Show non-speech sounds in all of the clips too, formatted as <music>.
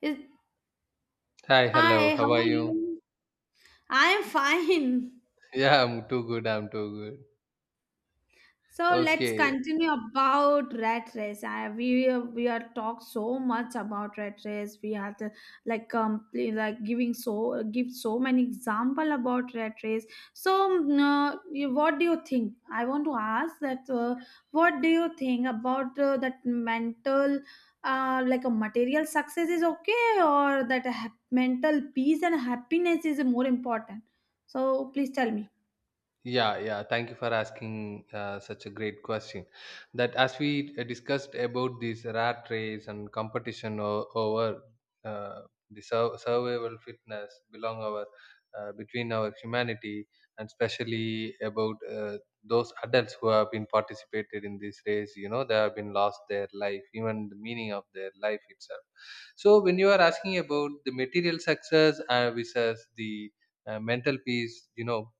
Is Hi, hello. Hi, how How are are you? you? I am fine. <laughs> Yeah, I'm too good. I'm too good. So let's Okay. continue about rat race. I, we are talked so much about rat race. We have to like giving so give so many example about rat race. So what do you think? I want to ask that what do you think about that mental like a material success is okay or that a mental peace and happiness is more important? So please tell me. Yeah, yeah. Thank you for asking such a great question. That as we discussed about this rat race and competition over uh, the survival fitness belong our between our humanity and especially about those adults who have been participated in this race. You know, they have been lost their life, even the meaning of their life itself. So when you are asking about the material success versus the mental peace, you know,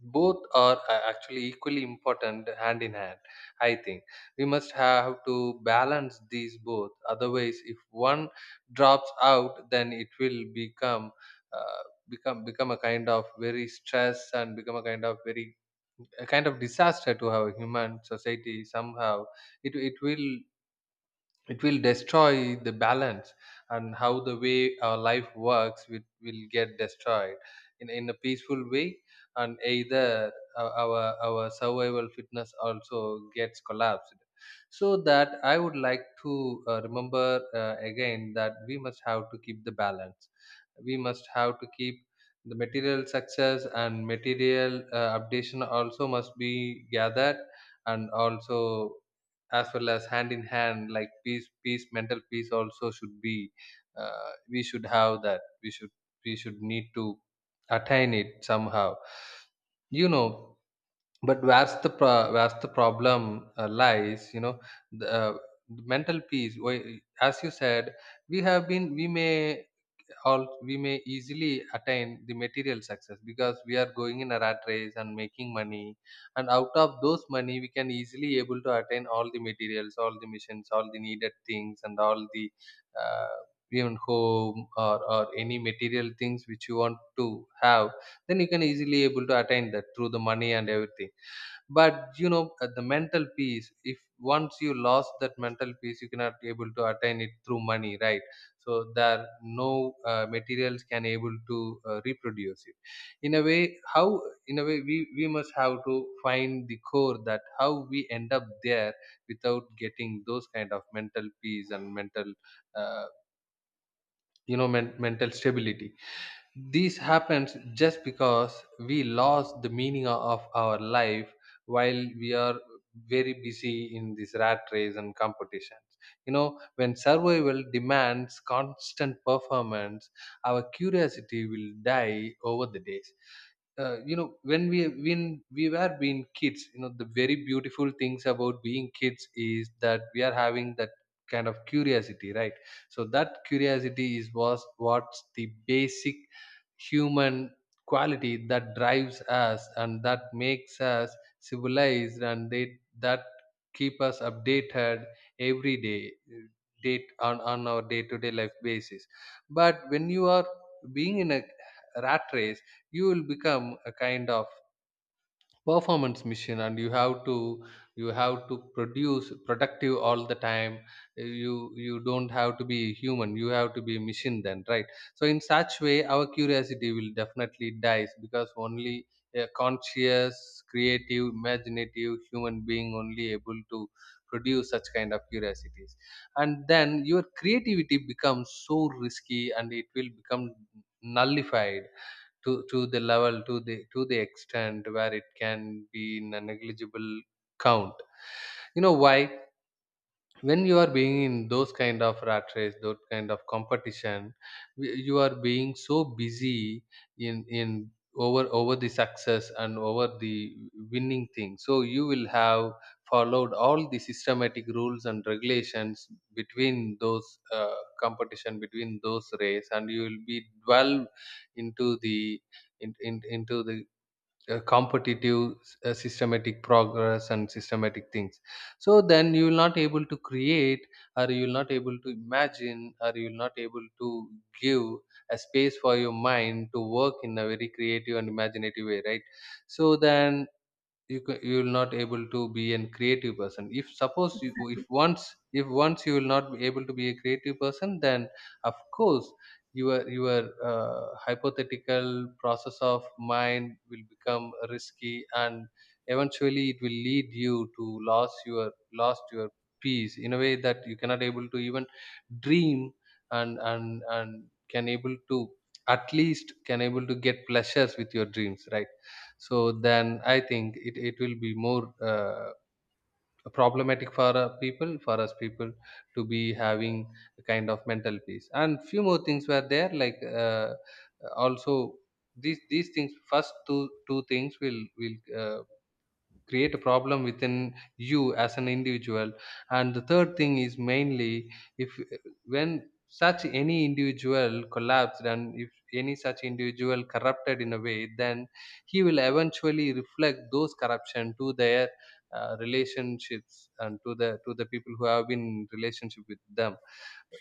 both are actually equally important hand in hand. I think we must have to balance these both. Otherwise, if one drops out, then it will become uh, a kind of very stress and become a kind of very a kind of disaster to our human society. Somehow, it will it will destroy the balance, and how the way our life works will get destroyed in a peaceful way, and either our survival fitness also gets collapsed. So that I would like to remember again that we must have to keep the balance. We must have to keep the material success, and material updation also must be gathered, and also as well as hand in hand like peace peace mental peace also should be, we should have that we should need to attain it somehow, you know. But where's the problem lies, you know? The the mental peace, as you said, we have been we may all we may easily attain the material success because we are going in a rat race and making money, and out of those money we can easily able to attain all the materials, all the missions, all the needed things, and all the uh, even home, or any material things which you want to have. Then you can easily able to attain that through the money and everything. But you know, the mental peace, if once you lost that mental peace, you cannot able to attain it through money, right? So there no materials can able to reproduce it. In a way how, in a way we must have to find the core, that how we end up there without getting those kind of mental peace and mental uh, you know, mental stability. This happens just because we lost the meaning of our life while we are very busy in this rat race and competitions. You know, when survival demands constant performance, our curiosity will die over the days. You know, when we were being kids, you know, the very beautiful things about being kids is that we are having that kind of curiosity, right? So that curiosity is was what's the basic human quality that drives us and that makes us civilized, and they that keep us updated every day date on our day-to-day life basis. But when you are being in a rat race, you will become a kind of performance machine, and you have to produce productive all the time. you you don't have to be human, you have to be machine then, right? So in such way our curiosity will definitely dies, because only a conscious creative imaginative human being only able to produce such kind of curiosities. And then your creativity becomes so risky, and it will become nullified to the level, to the extent where it can be in a negligible count. You know why? When you are being in those kind of rat race, those kind of competition, you are being so busy in over over the success and over the winning thing, so you will have followed all the systematic rules and regulations between those competition, between those race, and you will be dwell into the in, into the competitive systematic progress and systematic things. So then you will not able to create, or you will not able to imagine, or you will not able to give a space for your mind to work in a very creative and imaginative way, right? So then you you will not able to be an creative person. If suppose you, if once you will not be able to be a creative person, then of course your hypothetical process of mind will become risky, and eventually it will lead you to lost your peace in a way that you cannot able to even dream, and can able to at least can able to get pleasures with your dreams, right? So then I think it, it will be more problematic for people, for us people, to be having a kind of mental peace. And few more things were there like, also these things first two two things will create a problem within you as an individual. And the third thing is mainly if when such any individual collapsed, and if any such individual corrupted in a way, then he will eventually reflect those corruption to their relationships and to the people who have been in relationship with them.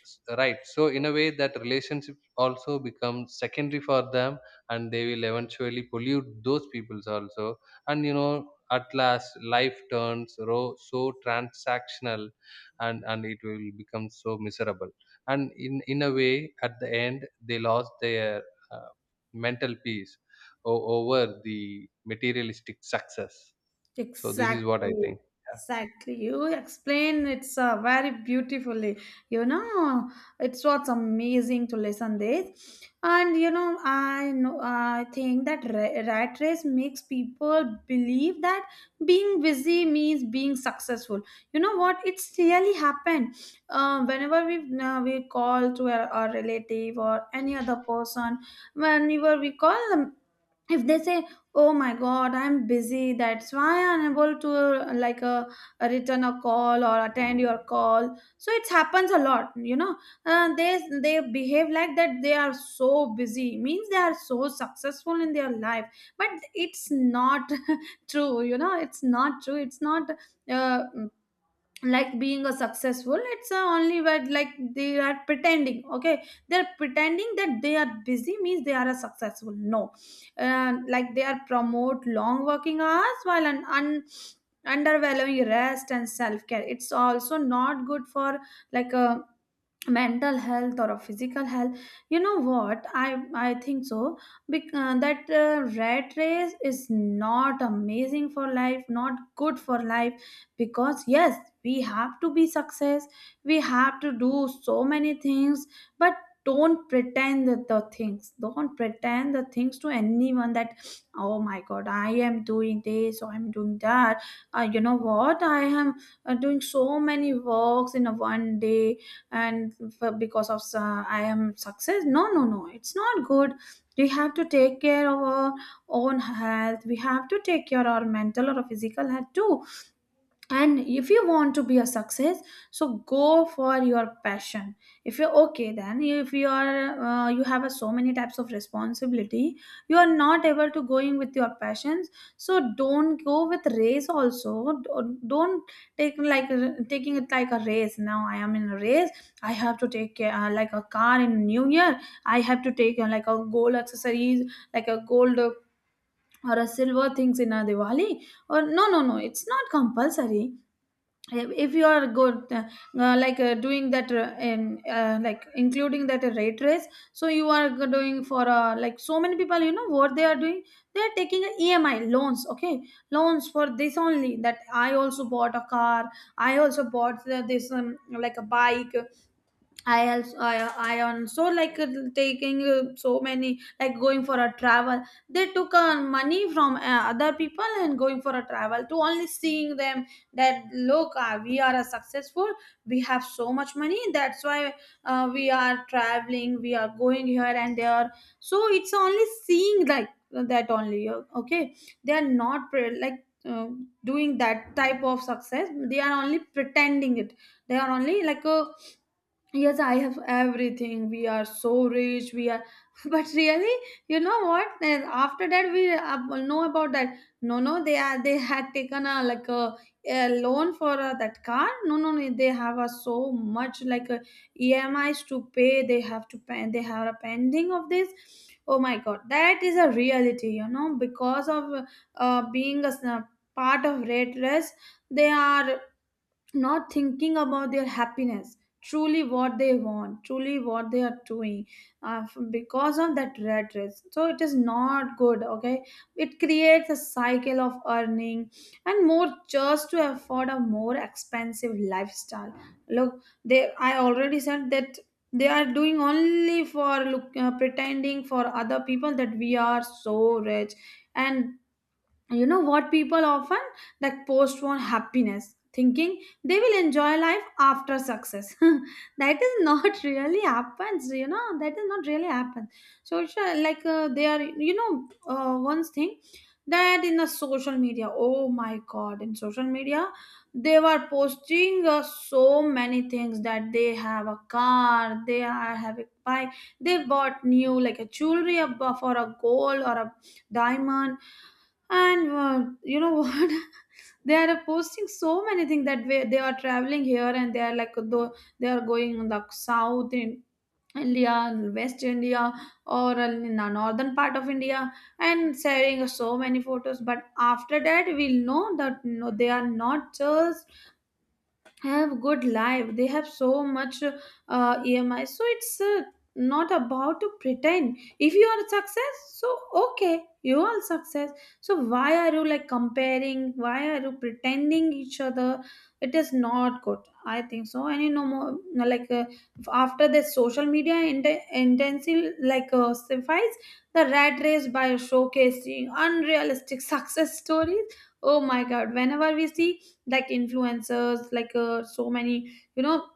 Right, so in a way that relationship also becomes secondary for them, and they will eventually pollute those peoples also. And you know, at last life turns so transactional, and it will become so miserable, and in a way at the end they lost their uh, mental peace over the materialistic success. So this is what I Exactly, think. Yeah. exactly. You explain it's very beautifully. You know, it's what's amazing to listen this, and you know, I think that rat race makes people believe that being busy means being successful. You know what? It's really happened. Whenever we call to our a relative or any other person, whenever we call them if they say, oh my god, I'm busy, that's why I'm unable to return a call or attend your call. So it happens a lot, you know. uh, they they behave like that. They are so busy means they are so successful in their life, but it's not <laughs> true, you know. It's not true. It's not uh, like being a successful. It's a only word, like they are pretending. Okay, they're pretending that they are busy means they are a successful. No, like they are promote long working hours while an undervaluing rest and self-care. It's also not good for like a mental health or a physical health. You know what? I think so. That rat race is not amazing for life, not good for life because yes, we have to be success, we have to do so many things, but don't pretend that the things. Don't pretend the things to anyone that oh my god, I am doing this or I'm doing that. You know what? I am doing so many works in a one day, and because of I am success. No, no, no, it's not good. We have to take care of our own health. We have to take care of our mental or physical health too. And if you want to be a success, so go for your passion. If you're okay, then if you are you have a, so many types of responsibility, you are not able to going with your passions, so don't go with race also. Don't take like taking it like a race. Now I am in a race. I have to take like a car in new year. I have to take like a gold accessories, like a gold, or a silver things in a Diwali, or no, no, no, it's not compulsory. If you are good, like doing that in like including that rate race, so you are doing for like so many people. You know what they are doing? They are taking a EMI loans, okay, loans for this only that I also bought a car. I also bought this like a bike. I also I, I also like taking so many like going for a travel. They took money from other people and going for a travel to only seeing them that look, we are a successful. We have so much money. That's why we are traveling. We are going here and there. So it's only seeing like that only. Okay, they are not doing that type of success. They are only pretending it. They are only like a yes, I have everything. We are so rich, we are <laughs> but really, you know what? Then after that we know about that, no, no, they are, they had taken a like a loan for that car. No, no, no, they have a so much like EMIs to pay. They have to pay. They have a pending of this. Oh my god, that is a reality. You know, because of being a part of red dress, they are not thinking about their happiness, truly what they want, truly what they are doing, because of that red race. So it is not good, okay. It creates a cycle of earning and more just to afford a more expensive lifestyle. Look, they, I already said that they are doing only for look, pretending for other people that we are so rich. And you know what? People often like postpone happiness thinking they will enjoy life after success. <laughs> That is not <laughs> really happens, you know. That is not really happen. So sure, like they are, you know, one thing that in the social media, oh my god, in social media, they were posting so many things that they have a car, they are having bike, they bought new like a jewelry for a gold or a diamond. And you know what? <laughs> They are posting so many things that way. They are traveling here and they are like though they are going in the south in India, west India, or in the northern part of India, and sharing so many photos. But after that we'll know that no, they are not just have good life. They have so much EMI. So it's not about to pretend. If you are success, so okay, you are success. So why are you like comparing? Why are you pretending each other? It is not good, I think so. And you know more, no, like after the social media intensive like suffice the rat race by showcasing unrealistic <laughs> success stories. Oh my god, whenever we see like influencers like so many, you know,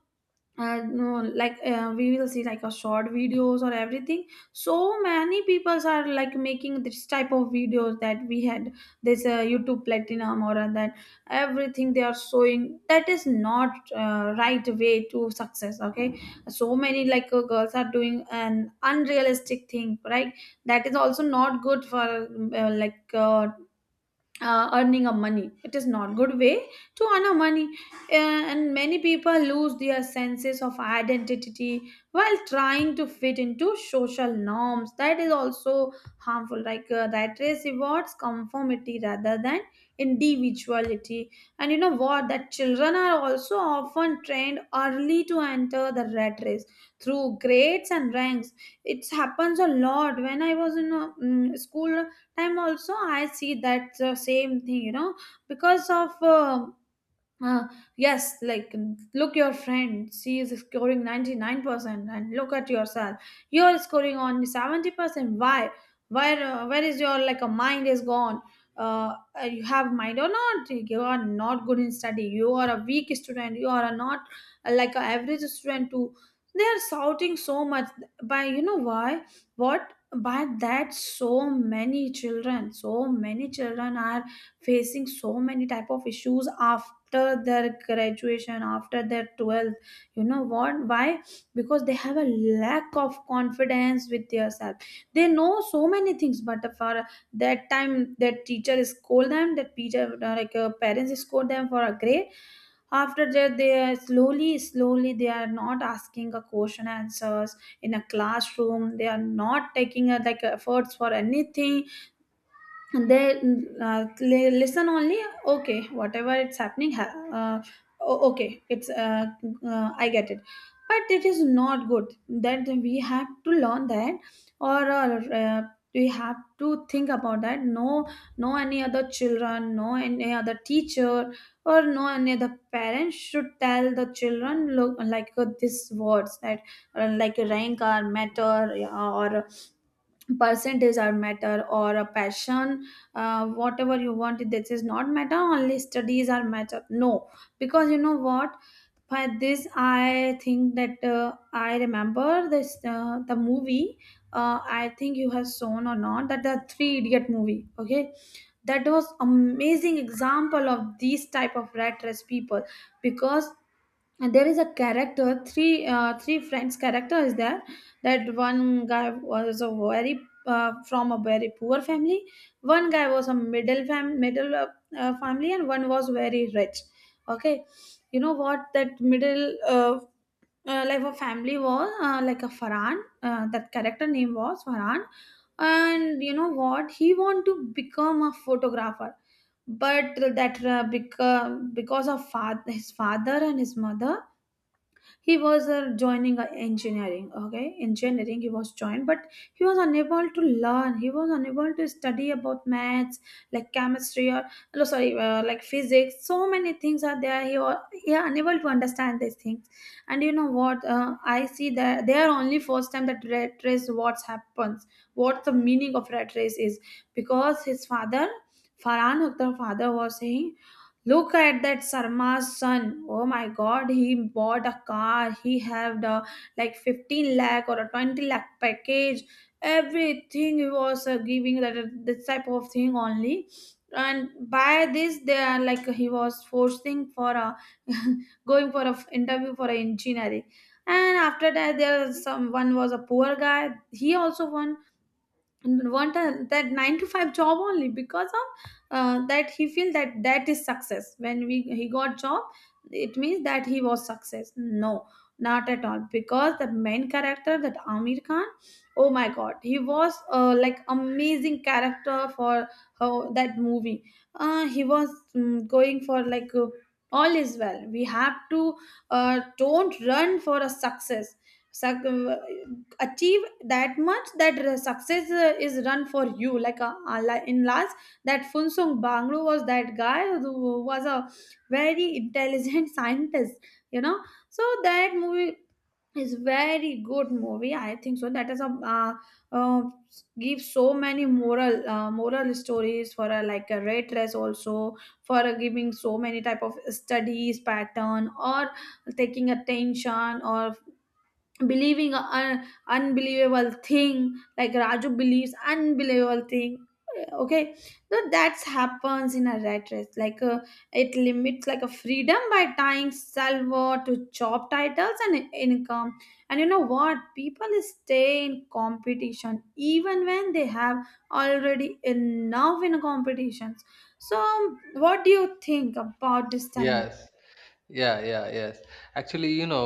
no, like we will see like a short videos or everything. So many people are like making this type of videos that we had this YouTube platinum or that everything they are showing. That is not right way to success. Okay, so many like girls are doing an unrealistic thing, right? That is also not good for uh, like uh, earning of money. It is not good way to earn a money. And many people lose their senses of identity while trying to fit into social norms. That is also harmful, like that race rewards conformity rather than individuality. And you know what? That children are also often trained early to enter the rat race through grades and ranks. It happens a lot. When I was in a, school time also, I see that the same thing, you know, because of uh, yes, like look, your friend, she is scoring 99% and look at yourself. You're scoring only 70%. Why? Where is your like a mind is gone? Uh, you have mind or not? You are not good in study. You are a weak student. You are a not like a average student too. They are shouting so much by, you know why? What? By that so many children are facing so many type of issues after their graduation after their 12th. You know what why? Because they have a lack of confidence with yourself. They know so many things, but for that time that teacher scold them, that teacher parents scold them for a grade. After that they are slowly slowly they are not asking a question answers in a classroom. They are not taking a, like efforts for anything. And they listen only. Okay, whatever it's happening, uh, okay, it's I get it. But it is not good that we have to learn that, or we have to think about that. No, no any other children, no any other teacher, or no any other parents should tell the children look like these words that like rank or matter, yeah, or percentage are matter or a passion, whatever you want. This is not matter only studies are matter, no. Because you know what? By this I think that I remember this, the movie, I think you have shown or not, that the three idiot movie. Okay, that was amazing example of these type of rat race people. Because and there is a character, three friends character is there. That one guy was a very from a very poor family. One guy was a middle family, and one was very rich. Okay, you know what? That middle uh, life of family was like a Farhan, that character name was Farhan. And you know what? He want to become a photographer. But that because of his father and his mother, he was Joining engineering. Okay, engineering he was joined, but he was unable to learn, he was unable to study about maths, like chemistry or no, sorry, like physics. So many things are there, he was he unable to understand these things. And you know what, I see that they are only first time that red race, what happens, what the meaning of red race is, because his father, Farhan Akhtar father was saying, look at that Sarma's son. Oh my god, he bought a car. He had a like 15 lakh or a 20 lakh package. Everything he was giving that this type of thing only. And by this, they are like he was forcing for a <laughs> going for a interview for a engineering. And after that, there was some one was a poor guy. He also won want a, that 9 to 5 job only because of that he feel that that is success. When we he got job, it means that he was success. No, not at all, because the main character, that Amir Khan, oh my god, he was like amazing character for that movie. He was going for like all is well, we have to don't run for a success. Suc- Achieve that much that success is run for you, like in last that Funsung Bangru was that guy who was a very intelligent <laughs> scientist, you know. So that movie is very good movie, I think so. That is a uh, uh, give so many moral moral stories for a like a red dress also, for a giving so many type of studies pattern, or taking attention, or believing an unbelievable thing like Raju believes unbelievable thing. Okay, so that's happens in a rat race, like it limits like a freedom by tying salvo to job titles and income. And you know what, people stay in competition even when they have already enough in competitions. So what do you think about this, tell me. Yes. Yeah, yeah, yes. Actually, you know,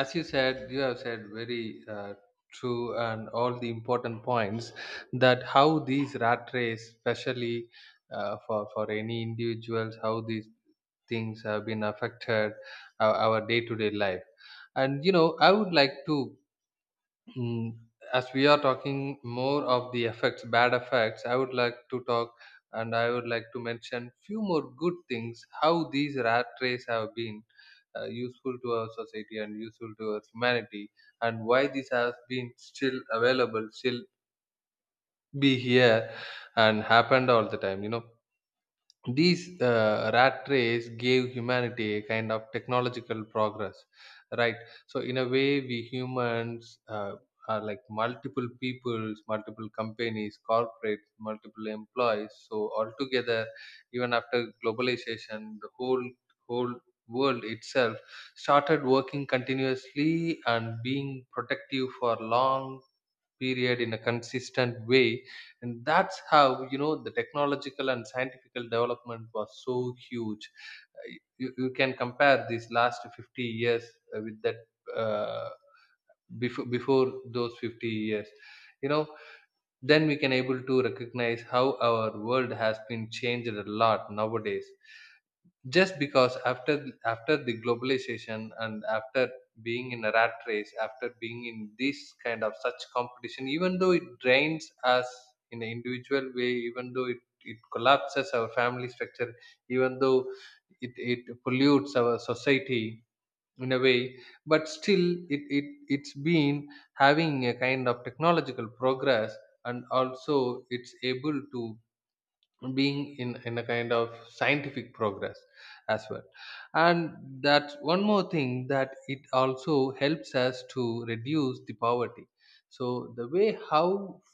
as you said, you have said very true and all the important points, that how these rat race, especially for any individuals, how these things have been affected our day-to-day life. And you know, I would like to, mm, as we are talking more of the effects bad effects, I would like to talk, and I would like to mention few more good things, how these rat race have been useful to our society and useful to our humanity, and why this has been still available still be here and happened all the time, you know. These rat race gave humanity a kind of technological progress, right? So in a way we humans are like multiple peoples, multiple companies, corporates, multiple employees, so altogether, even after globalization, the whole world itself started working continuously and being protective for long period in a consistent way. And that's how, you know, the technological and scientific development was so huge. Uh, you, you can compare these last 50 years with that, uh, before those 50 years, you know, then we can able to recognize how our world has been changed a lot nowadays, just because after after the globalization, and after being in a rat race, after being in this kind of such competition, even though it drains us in an individual way, even though it collapses our family structure, even though it pollutes our society in a way, but still it, it's been having a kind of technological progress, and also it's able to being in a kind of scientific progress as well. And that's one more thing, that it also helps us to reduce the poverty. So the way how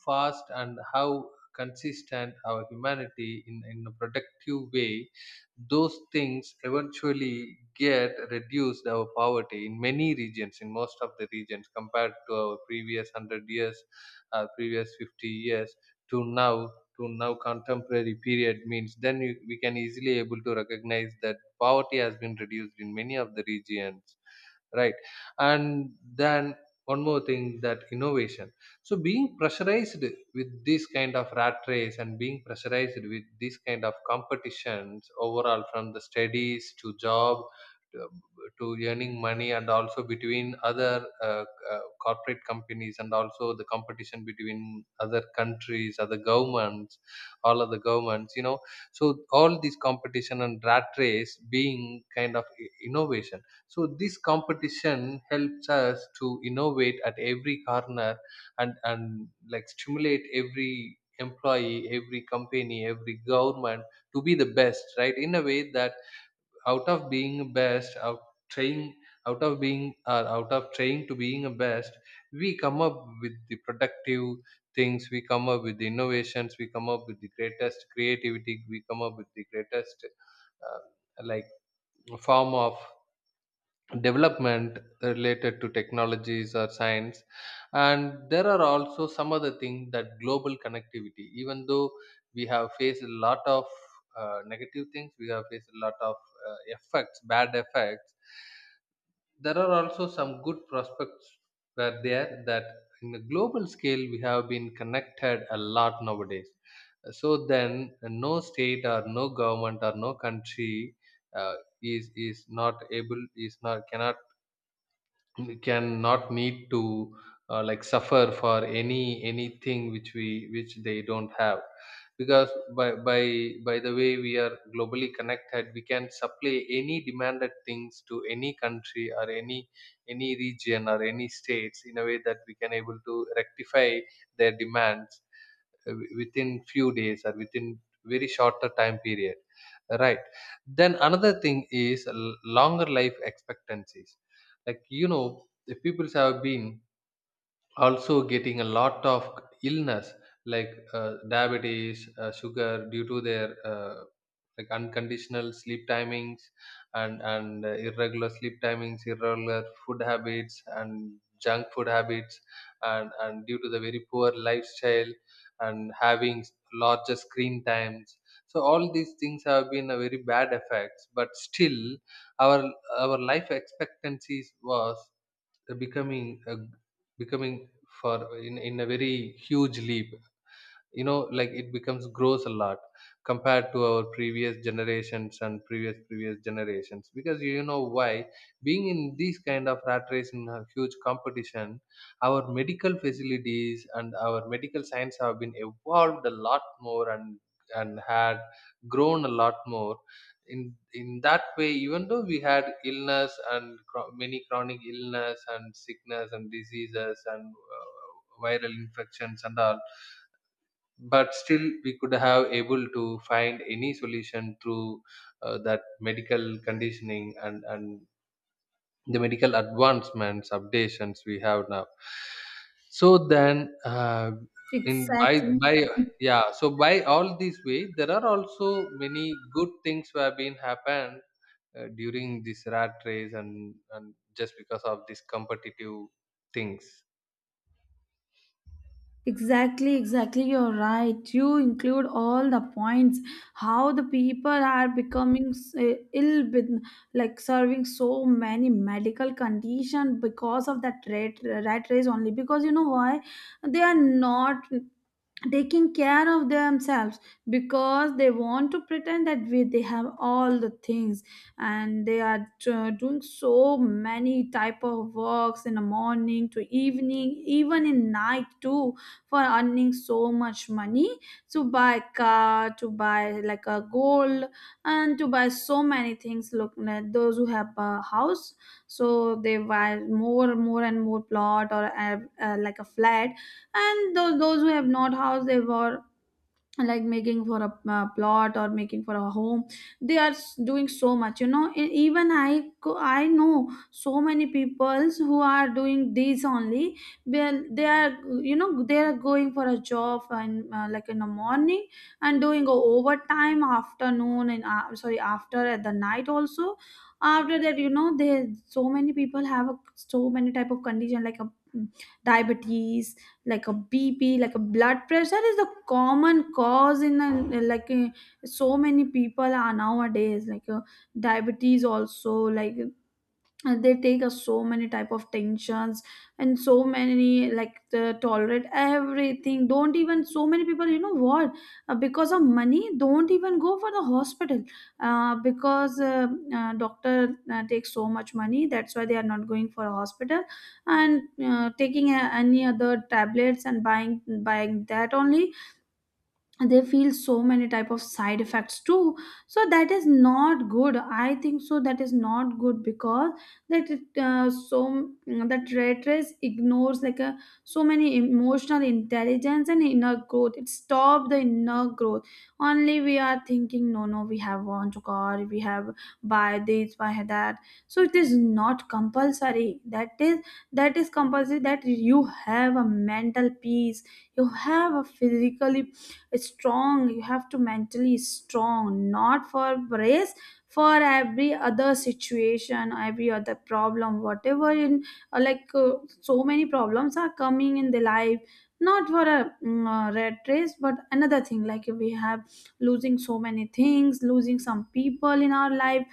fast and how consistent our humanity in a productive way, those things eventually get reduced our poverty in many regions, in most of the regions compared to our previous 100 years, our previous 50 years, to now, to now contemporary period means then you, we can easily able to recognize that poverty has been reduced in many of the regions, right? And then one more thing, that innovation. So being pressurized with this kind of rat race, and being pressurized with this kind of competitions, overall from the studies to job, to earning money, and also between other corporate companies, and also the competition between other countries, other governments, all of the governments, you know. So all this competition and rat race being kind of innovation. So this competition helps us to innovate at every corner, and like stimulate every employee, every company, every government to be the best, right, in a way that out of being best out trying, out of being or out of trying to being a best, we come up with the productive things, we come up with the innovations, we come up with the greatest creativity, we come up with the greatest like form of development related to technologies or science. And there are also some other things, that global connectivity, even though we have faced a lot of negative things, we have faced a lot of effects bad effects, there are also Some good prospects were there that in the global scale we have been connected a lot nowadays. So then no state or no government or no country uh, is not able is not cannot we can not need to suffer for anything which we which they don't have, because by by by the way we are globally connected, we can supply any demanded things to any country or any region or any states in a way that we can able to rectify their demands within few days or within very shorter time period, right? Then another thing is longer life expectancies, like, the people have been also getting a lot of illness, like diabetes, sugar, due to their unconditional sleep timings, and irregular sleep timings, irregular food habits and junk food habits, and due to the very poor lifestyle and having larger screen times. So all these things have been a very bad effects, but still our life expectancies was becoming a, becoming in a very huge leap. You know, like it becomes grows a lot compared to our previous generations and previous generations, because you know why? Being in these kind of rat race, in a huge competition, our medical facilities and our medical science have been evolved a lot more, and had grown a lot more. In that way, even though we had illness and many chronic illness and sickness and diseases and viral infections and all, but still we could have able to find any solution through that medical conditioning, and the medical advancements, updations we have now. So then in Exactly. by yeah, so by all these way, there are also many good things who have been happened during this rat race, and just because of this competitive things. Exactly, exactly. You're right. You include all the points. How the people are becoming ill with, like serving so many medical condition because of that rat race only. Because you know why, they are not taking care of themselves, because they want to pretend that they have all the things, and they are doing so many type of works in the morning to evening, even in night too, for earning so much money to buy car, to buy like a gold, and to buy so many things. Look at those who have a house, so they buy more and more plot, or like a flat. And those who have not house, they were like making for a plot or making for a home. They are doing so much, you know. Even I know so many peoples who are doing these only. When they are, you know, they are going for a job and like in the morning, and doing a overtime afternoon and sorry, after at the night also. After that, you know, they so many people have a, so many type of condition like a mm, diabetes, like a BP, like a blood pressure is the common cause in a, like so many people are nowadays like diabetes also like. And they take us so many type of tensions, and so many like the tolerate everything. Don't even, so many people, you know what, because of money don't even go for the hospital, because doctor takes so much money, that's why they are not going for a hospital, and taking a, any other tablets, and buying that only. They feel so many type of side effects too. So that is not good, I think so. That is not good because that it, so that rat race ignores like a so many emotional intelligence and inner growth. It stop the inner growth. Only we are thinking, no, no, we have want to car, we have buy this, buy that. So it is not compulsory that is, that is compulsory that you have a mental peace, you have a physical strong, you have to mentally strong, not for race, for every other situation, every other problem, whatever in like so many problems are coming in the life. Not for a red race, but another thing like we have losing so many things, losing some people in our life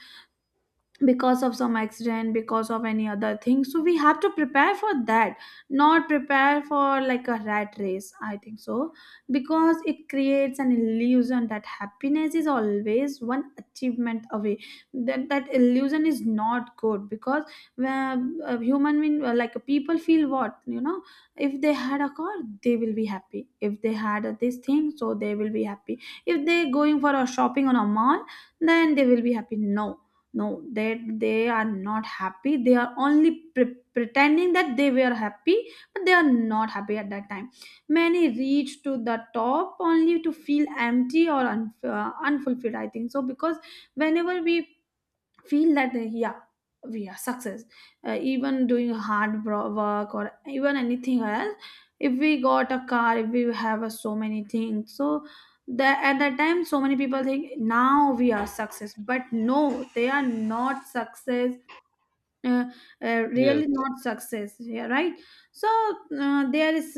because of some accident, because of any other thing. So we have to prepare for that, not prepare for like a rat race, I think so. Because it creates an illusion that happiness is always one achievement away. That that illusion is not good because when human being like people feel, what, you know, if they had a car, they will be happy, if they had a this thing, so they will be happy, if they going for a shopping on a mall, then they will be happy. No, no, that they are not happy, they are only pretending that they were happy, but they are not happy at that time. Many reach to the top only to feel empty or unfulfilled, I think so, because whenever we feel that yeah, we are success, even doing hard work, or even anything else, if we got a car, if we have so many things, so that at that time so many people think now we are success. But no, they are not success, uh, Yes. really not success. Yeah, right. So there is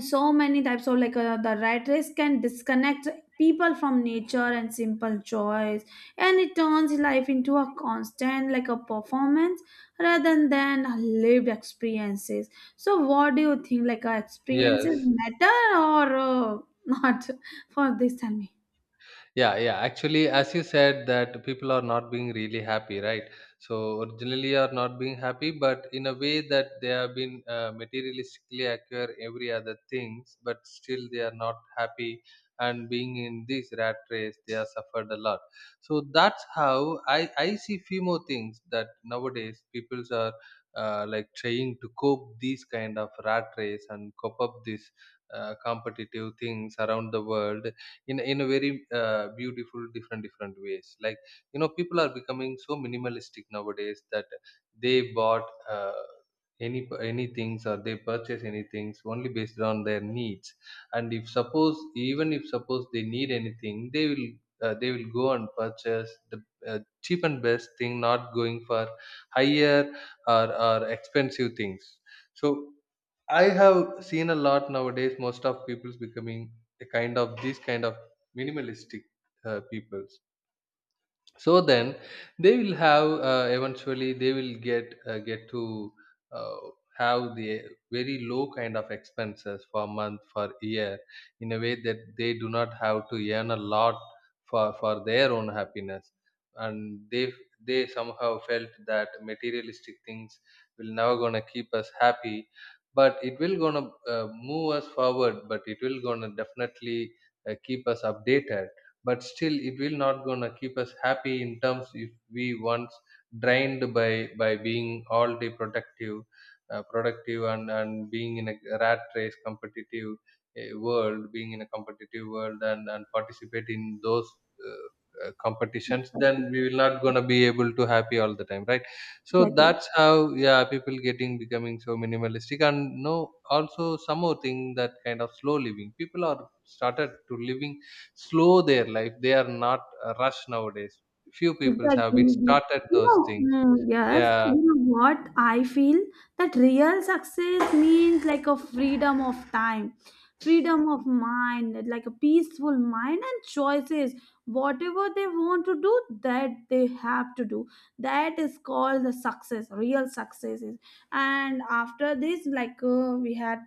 so many types of like the rat race can disconnect people from nature and simple joys, and it turns life into a constant like a performance rather than lived experiences. So what do you think, like experiences Yes. matter or <laughs> not? For this, tell me. Yeah, yeah. Actually, as you said, that people are not being really happy, right? So originally are not being happy, but in a way that they have been materialistically acquire every other things, but still they are not happy, and being in this rat race, they have suffered a lot. So that's how I see few more things, that nowadays peoples are trying to cope these kind of rat race and cope up these competitive things around the world in a very beautiful different ways. Like, you know, people are becoming so minimalistic nowadays, that they bought any things, or they purchase any things only based on their needs. And if suppose, even if suppose they need anything, they will go and purchase the cheap and best thing, not going for higher, or expensive things. So I have seen a lot nowadays. Most of people's becoming a kind of these kind of minimalistic peoples. So then they will have eventually they will get to uh, have the very low kind of expenses for month, for year, in a way that they do not have to earn a lot for their own happiness. And they somehow felt that materialistic things will never gonna keep us happy, but it will gonna move us forward, but it will gonna definitely keep us updated, but still it will not gonna keep us happy. In terms, if we once drained by being all day productive, productive, and being in a rat race competitive world, being in a competitive world, and participate in those uh, competitions, then we will not gonna be able to happy all the time, right? So Exactly. that's how, yeah, people getting becoming so minimalistic, and no, also some more thing, that kind of slow living, people are started to living slow their life. They are not rushed nowadays. Few people have Exactly. been started You those know, things. Yes, Yeah. you know what I feel that real success means like a freedom of time, freedom of mind, like a peaceful mind and choices. Whatever they want to do, that they have to do. That is called the success, real success is. And after this, like we had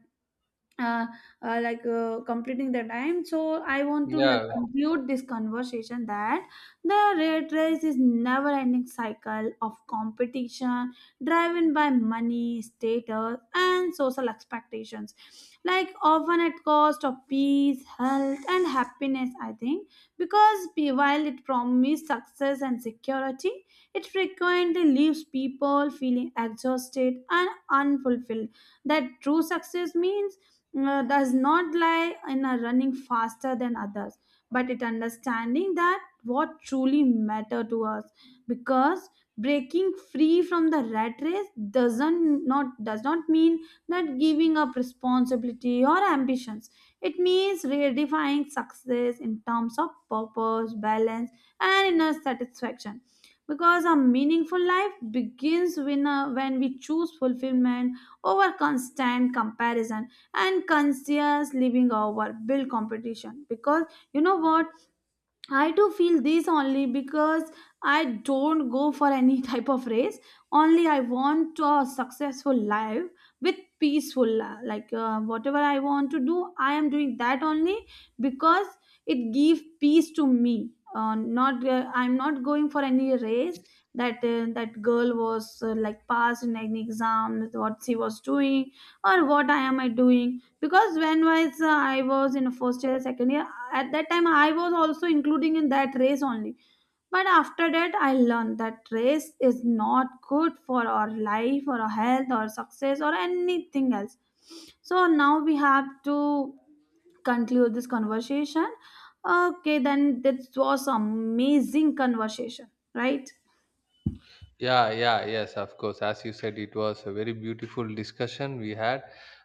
uh, like completing the time, so I want to like Yeah. conclude this conversation that the rat race is never ending cycle of competition driven by money, status and social expectations, like often at cost of peace, health and happiness, I think. Because while it promises success and security, it frequently leaves people feeling exhausted and unfulfilled. That true success means does not lie in a running faster than others, but it understanding that what truly matter to us. Because breaking free from the rat race does not mean that giving up responsibility or ambitions. It means redefining success in terms of purpose, balance and inner satisfaction. Because a meaningful life begins when we choose fulfillment over constant comparison, and conscious living over build competition. Because you know what, I do feel this only because I don't go for any <laughs> type of race. Only I want a successful life with peaceful like whatever I want to do, I am doing that only, because it gives peace to me. Not I'm not going for any race, that that girl was like passed in any exam, what she was doing, or what I doing. Because when was I was in first year, second year, at that time I was also including in that race only. But after that, I learned that race is not good for our life, or our health, or success, or anything else. So now we have to conclude this conversation. Okay, then that was amazing conversation, right? Yeah, yeah, yes, of course, as you said, it was a very beautiful discussion we had,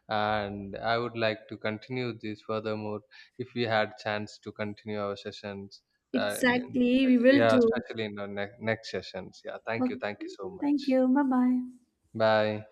and I would like to continue this furthermore if we had chance to continue our sessions. uh, n- n- Exactly, we will yeah, do. especially in the next sessions. Yeah, thank you, Okay, thank you so thank much. you. Bye bye. Bye.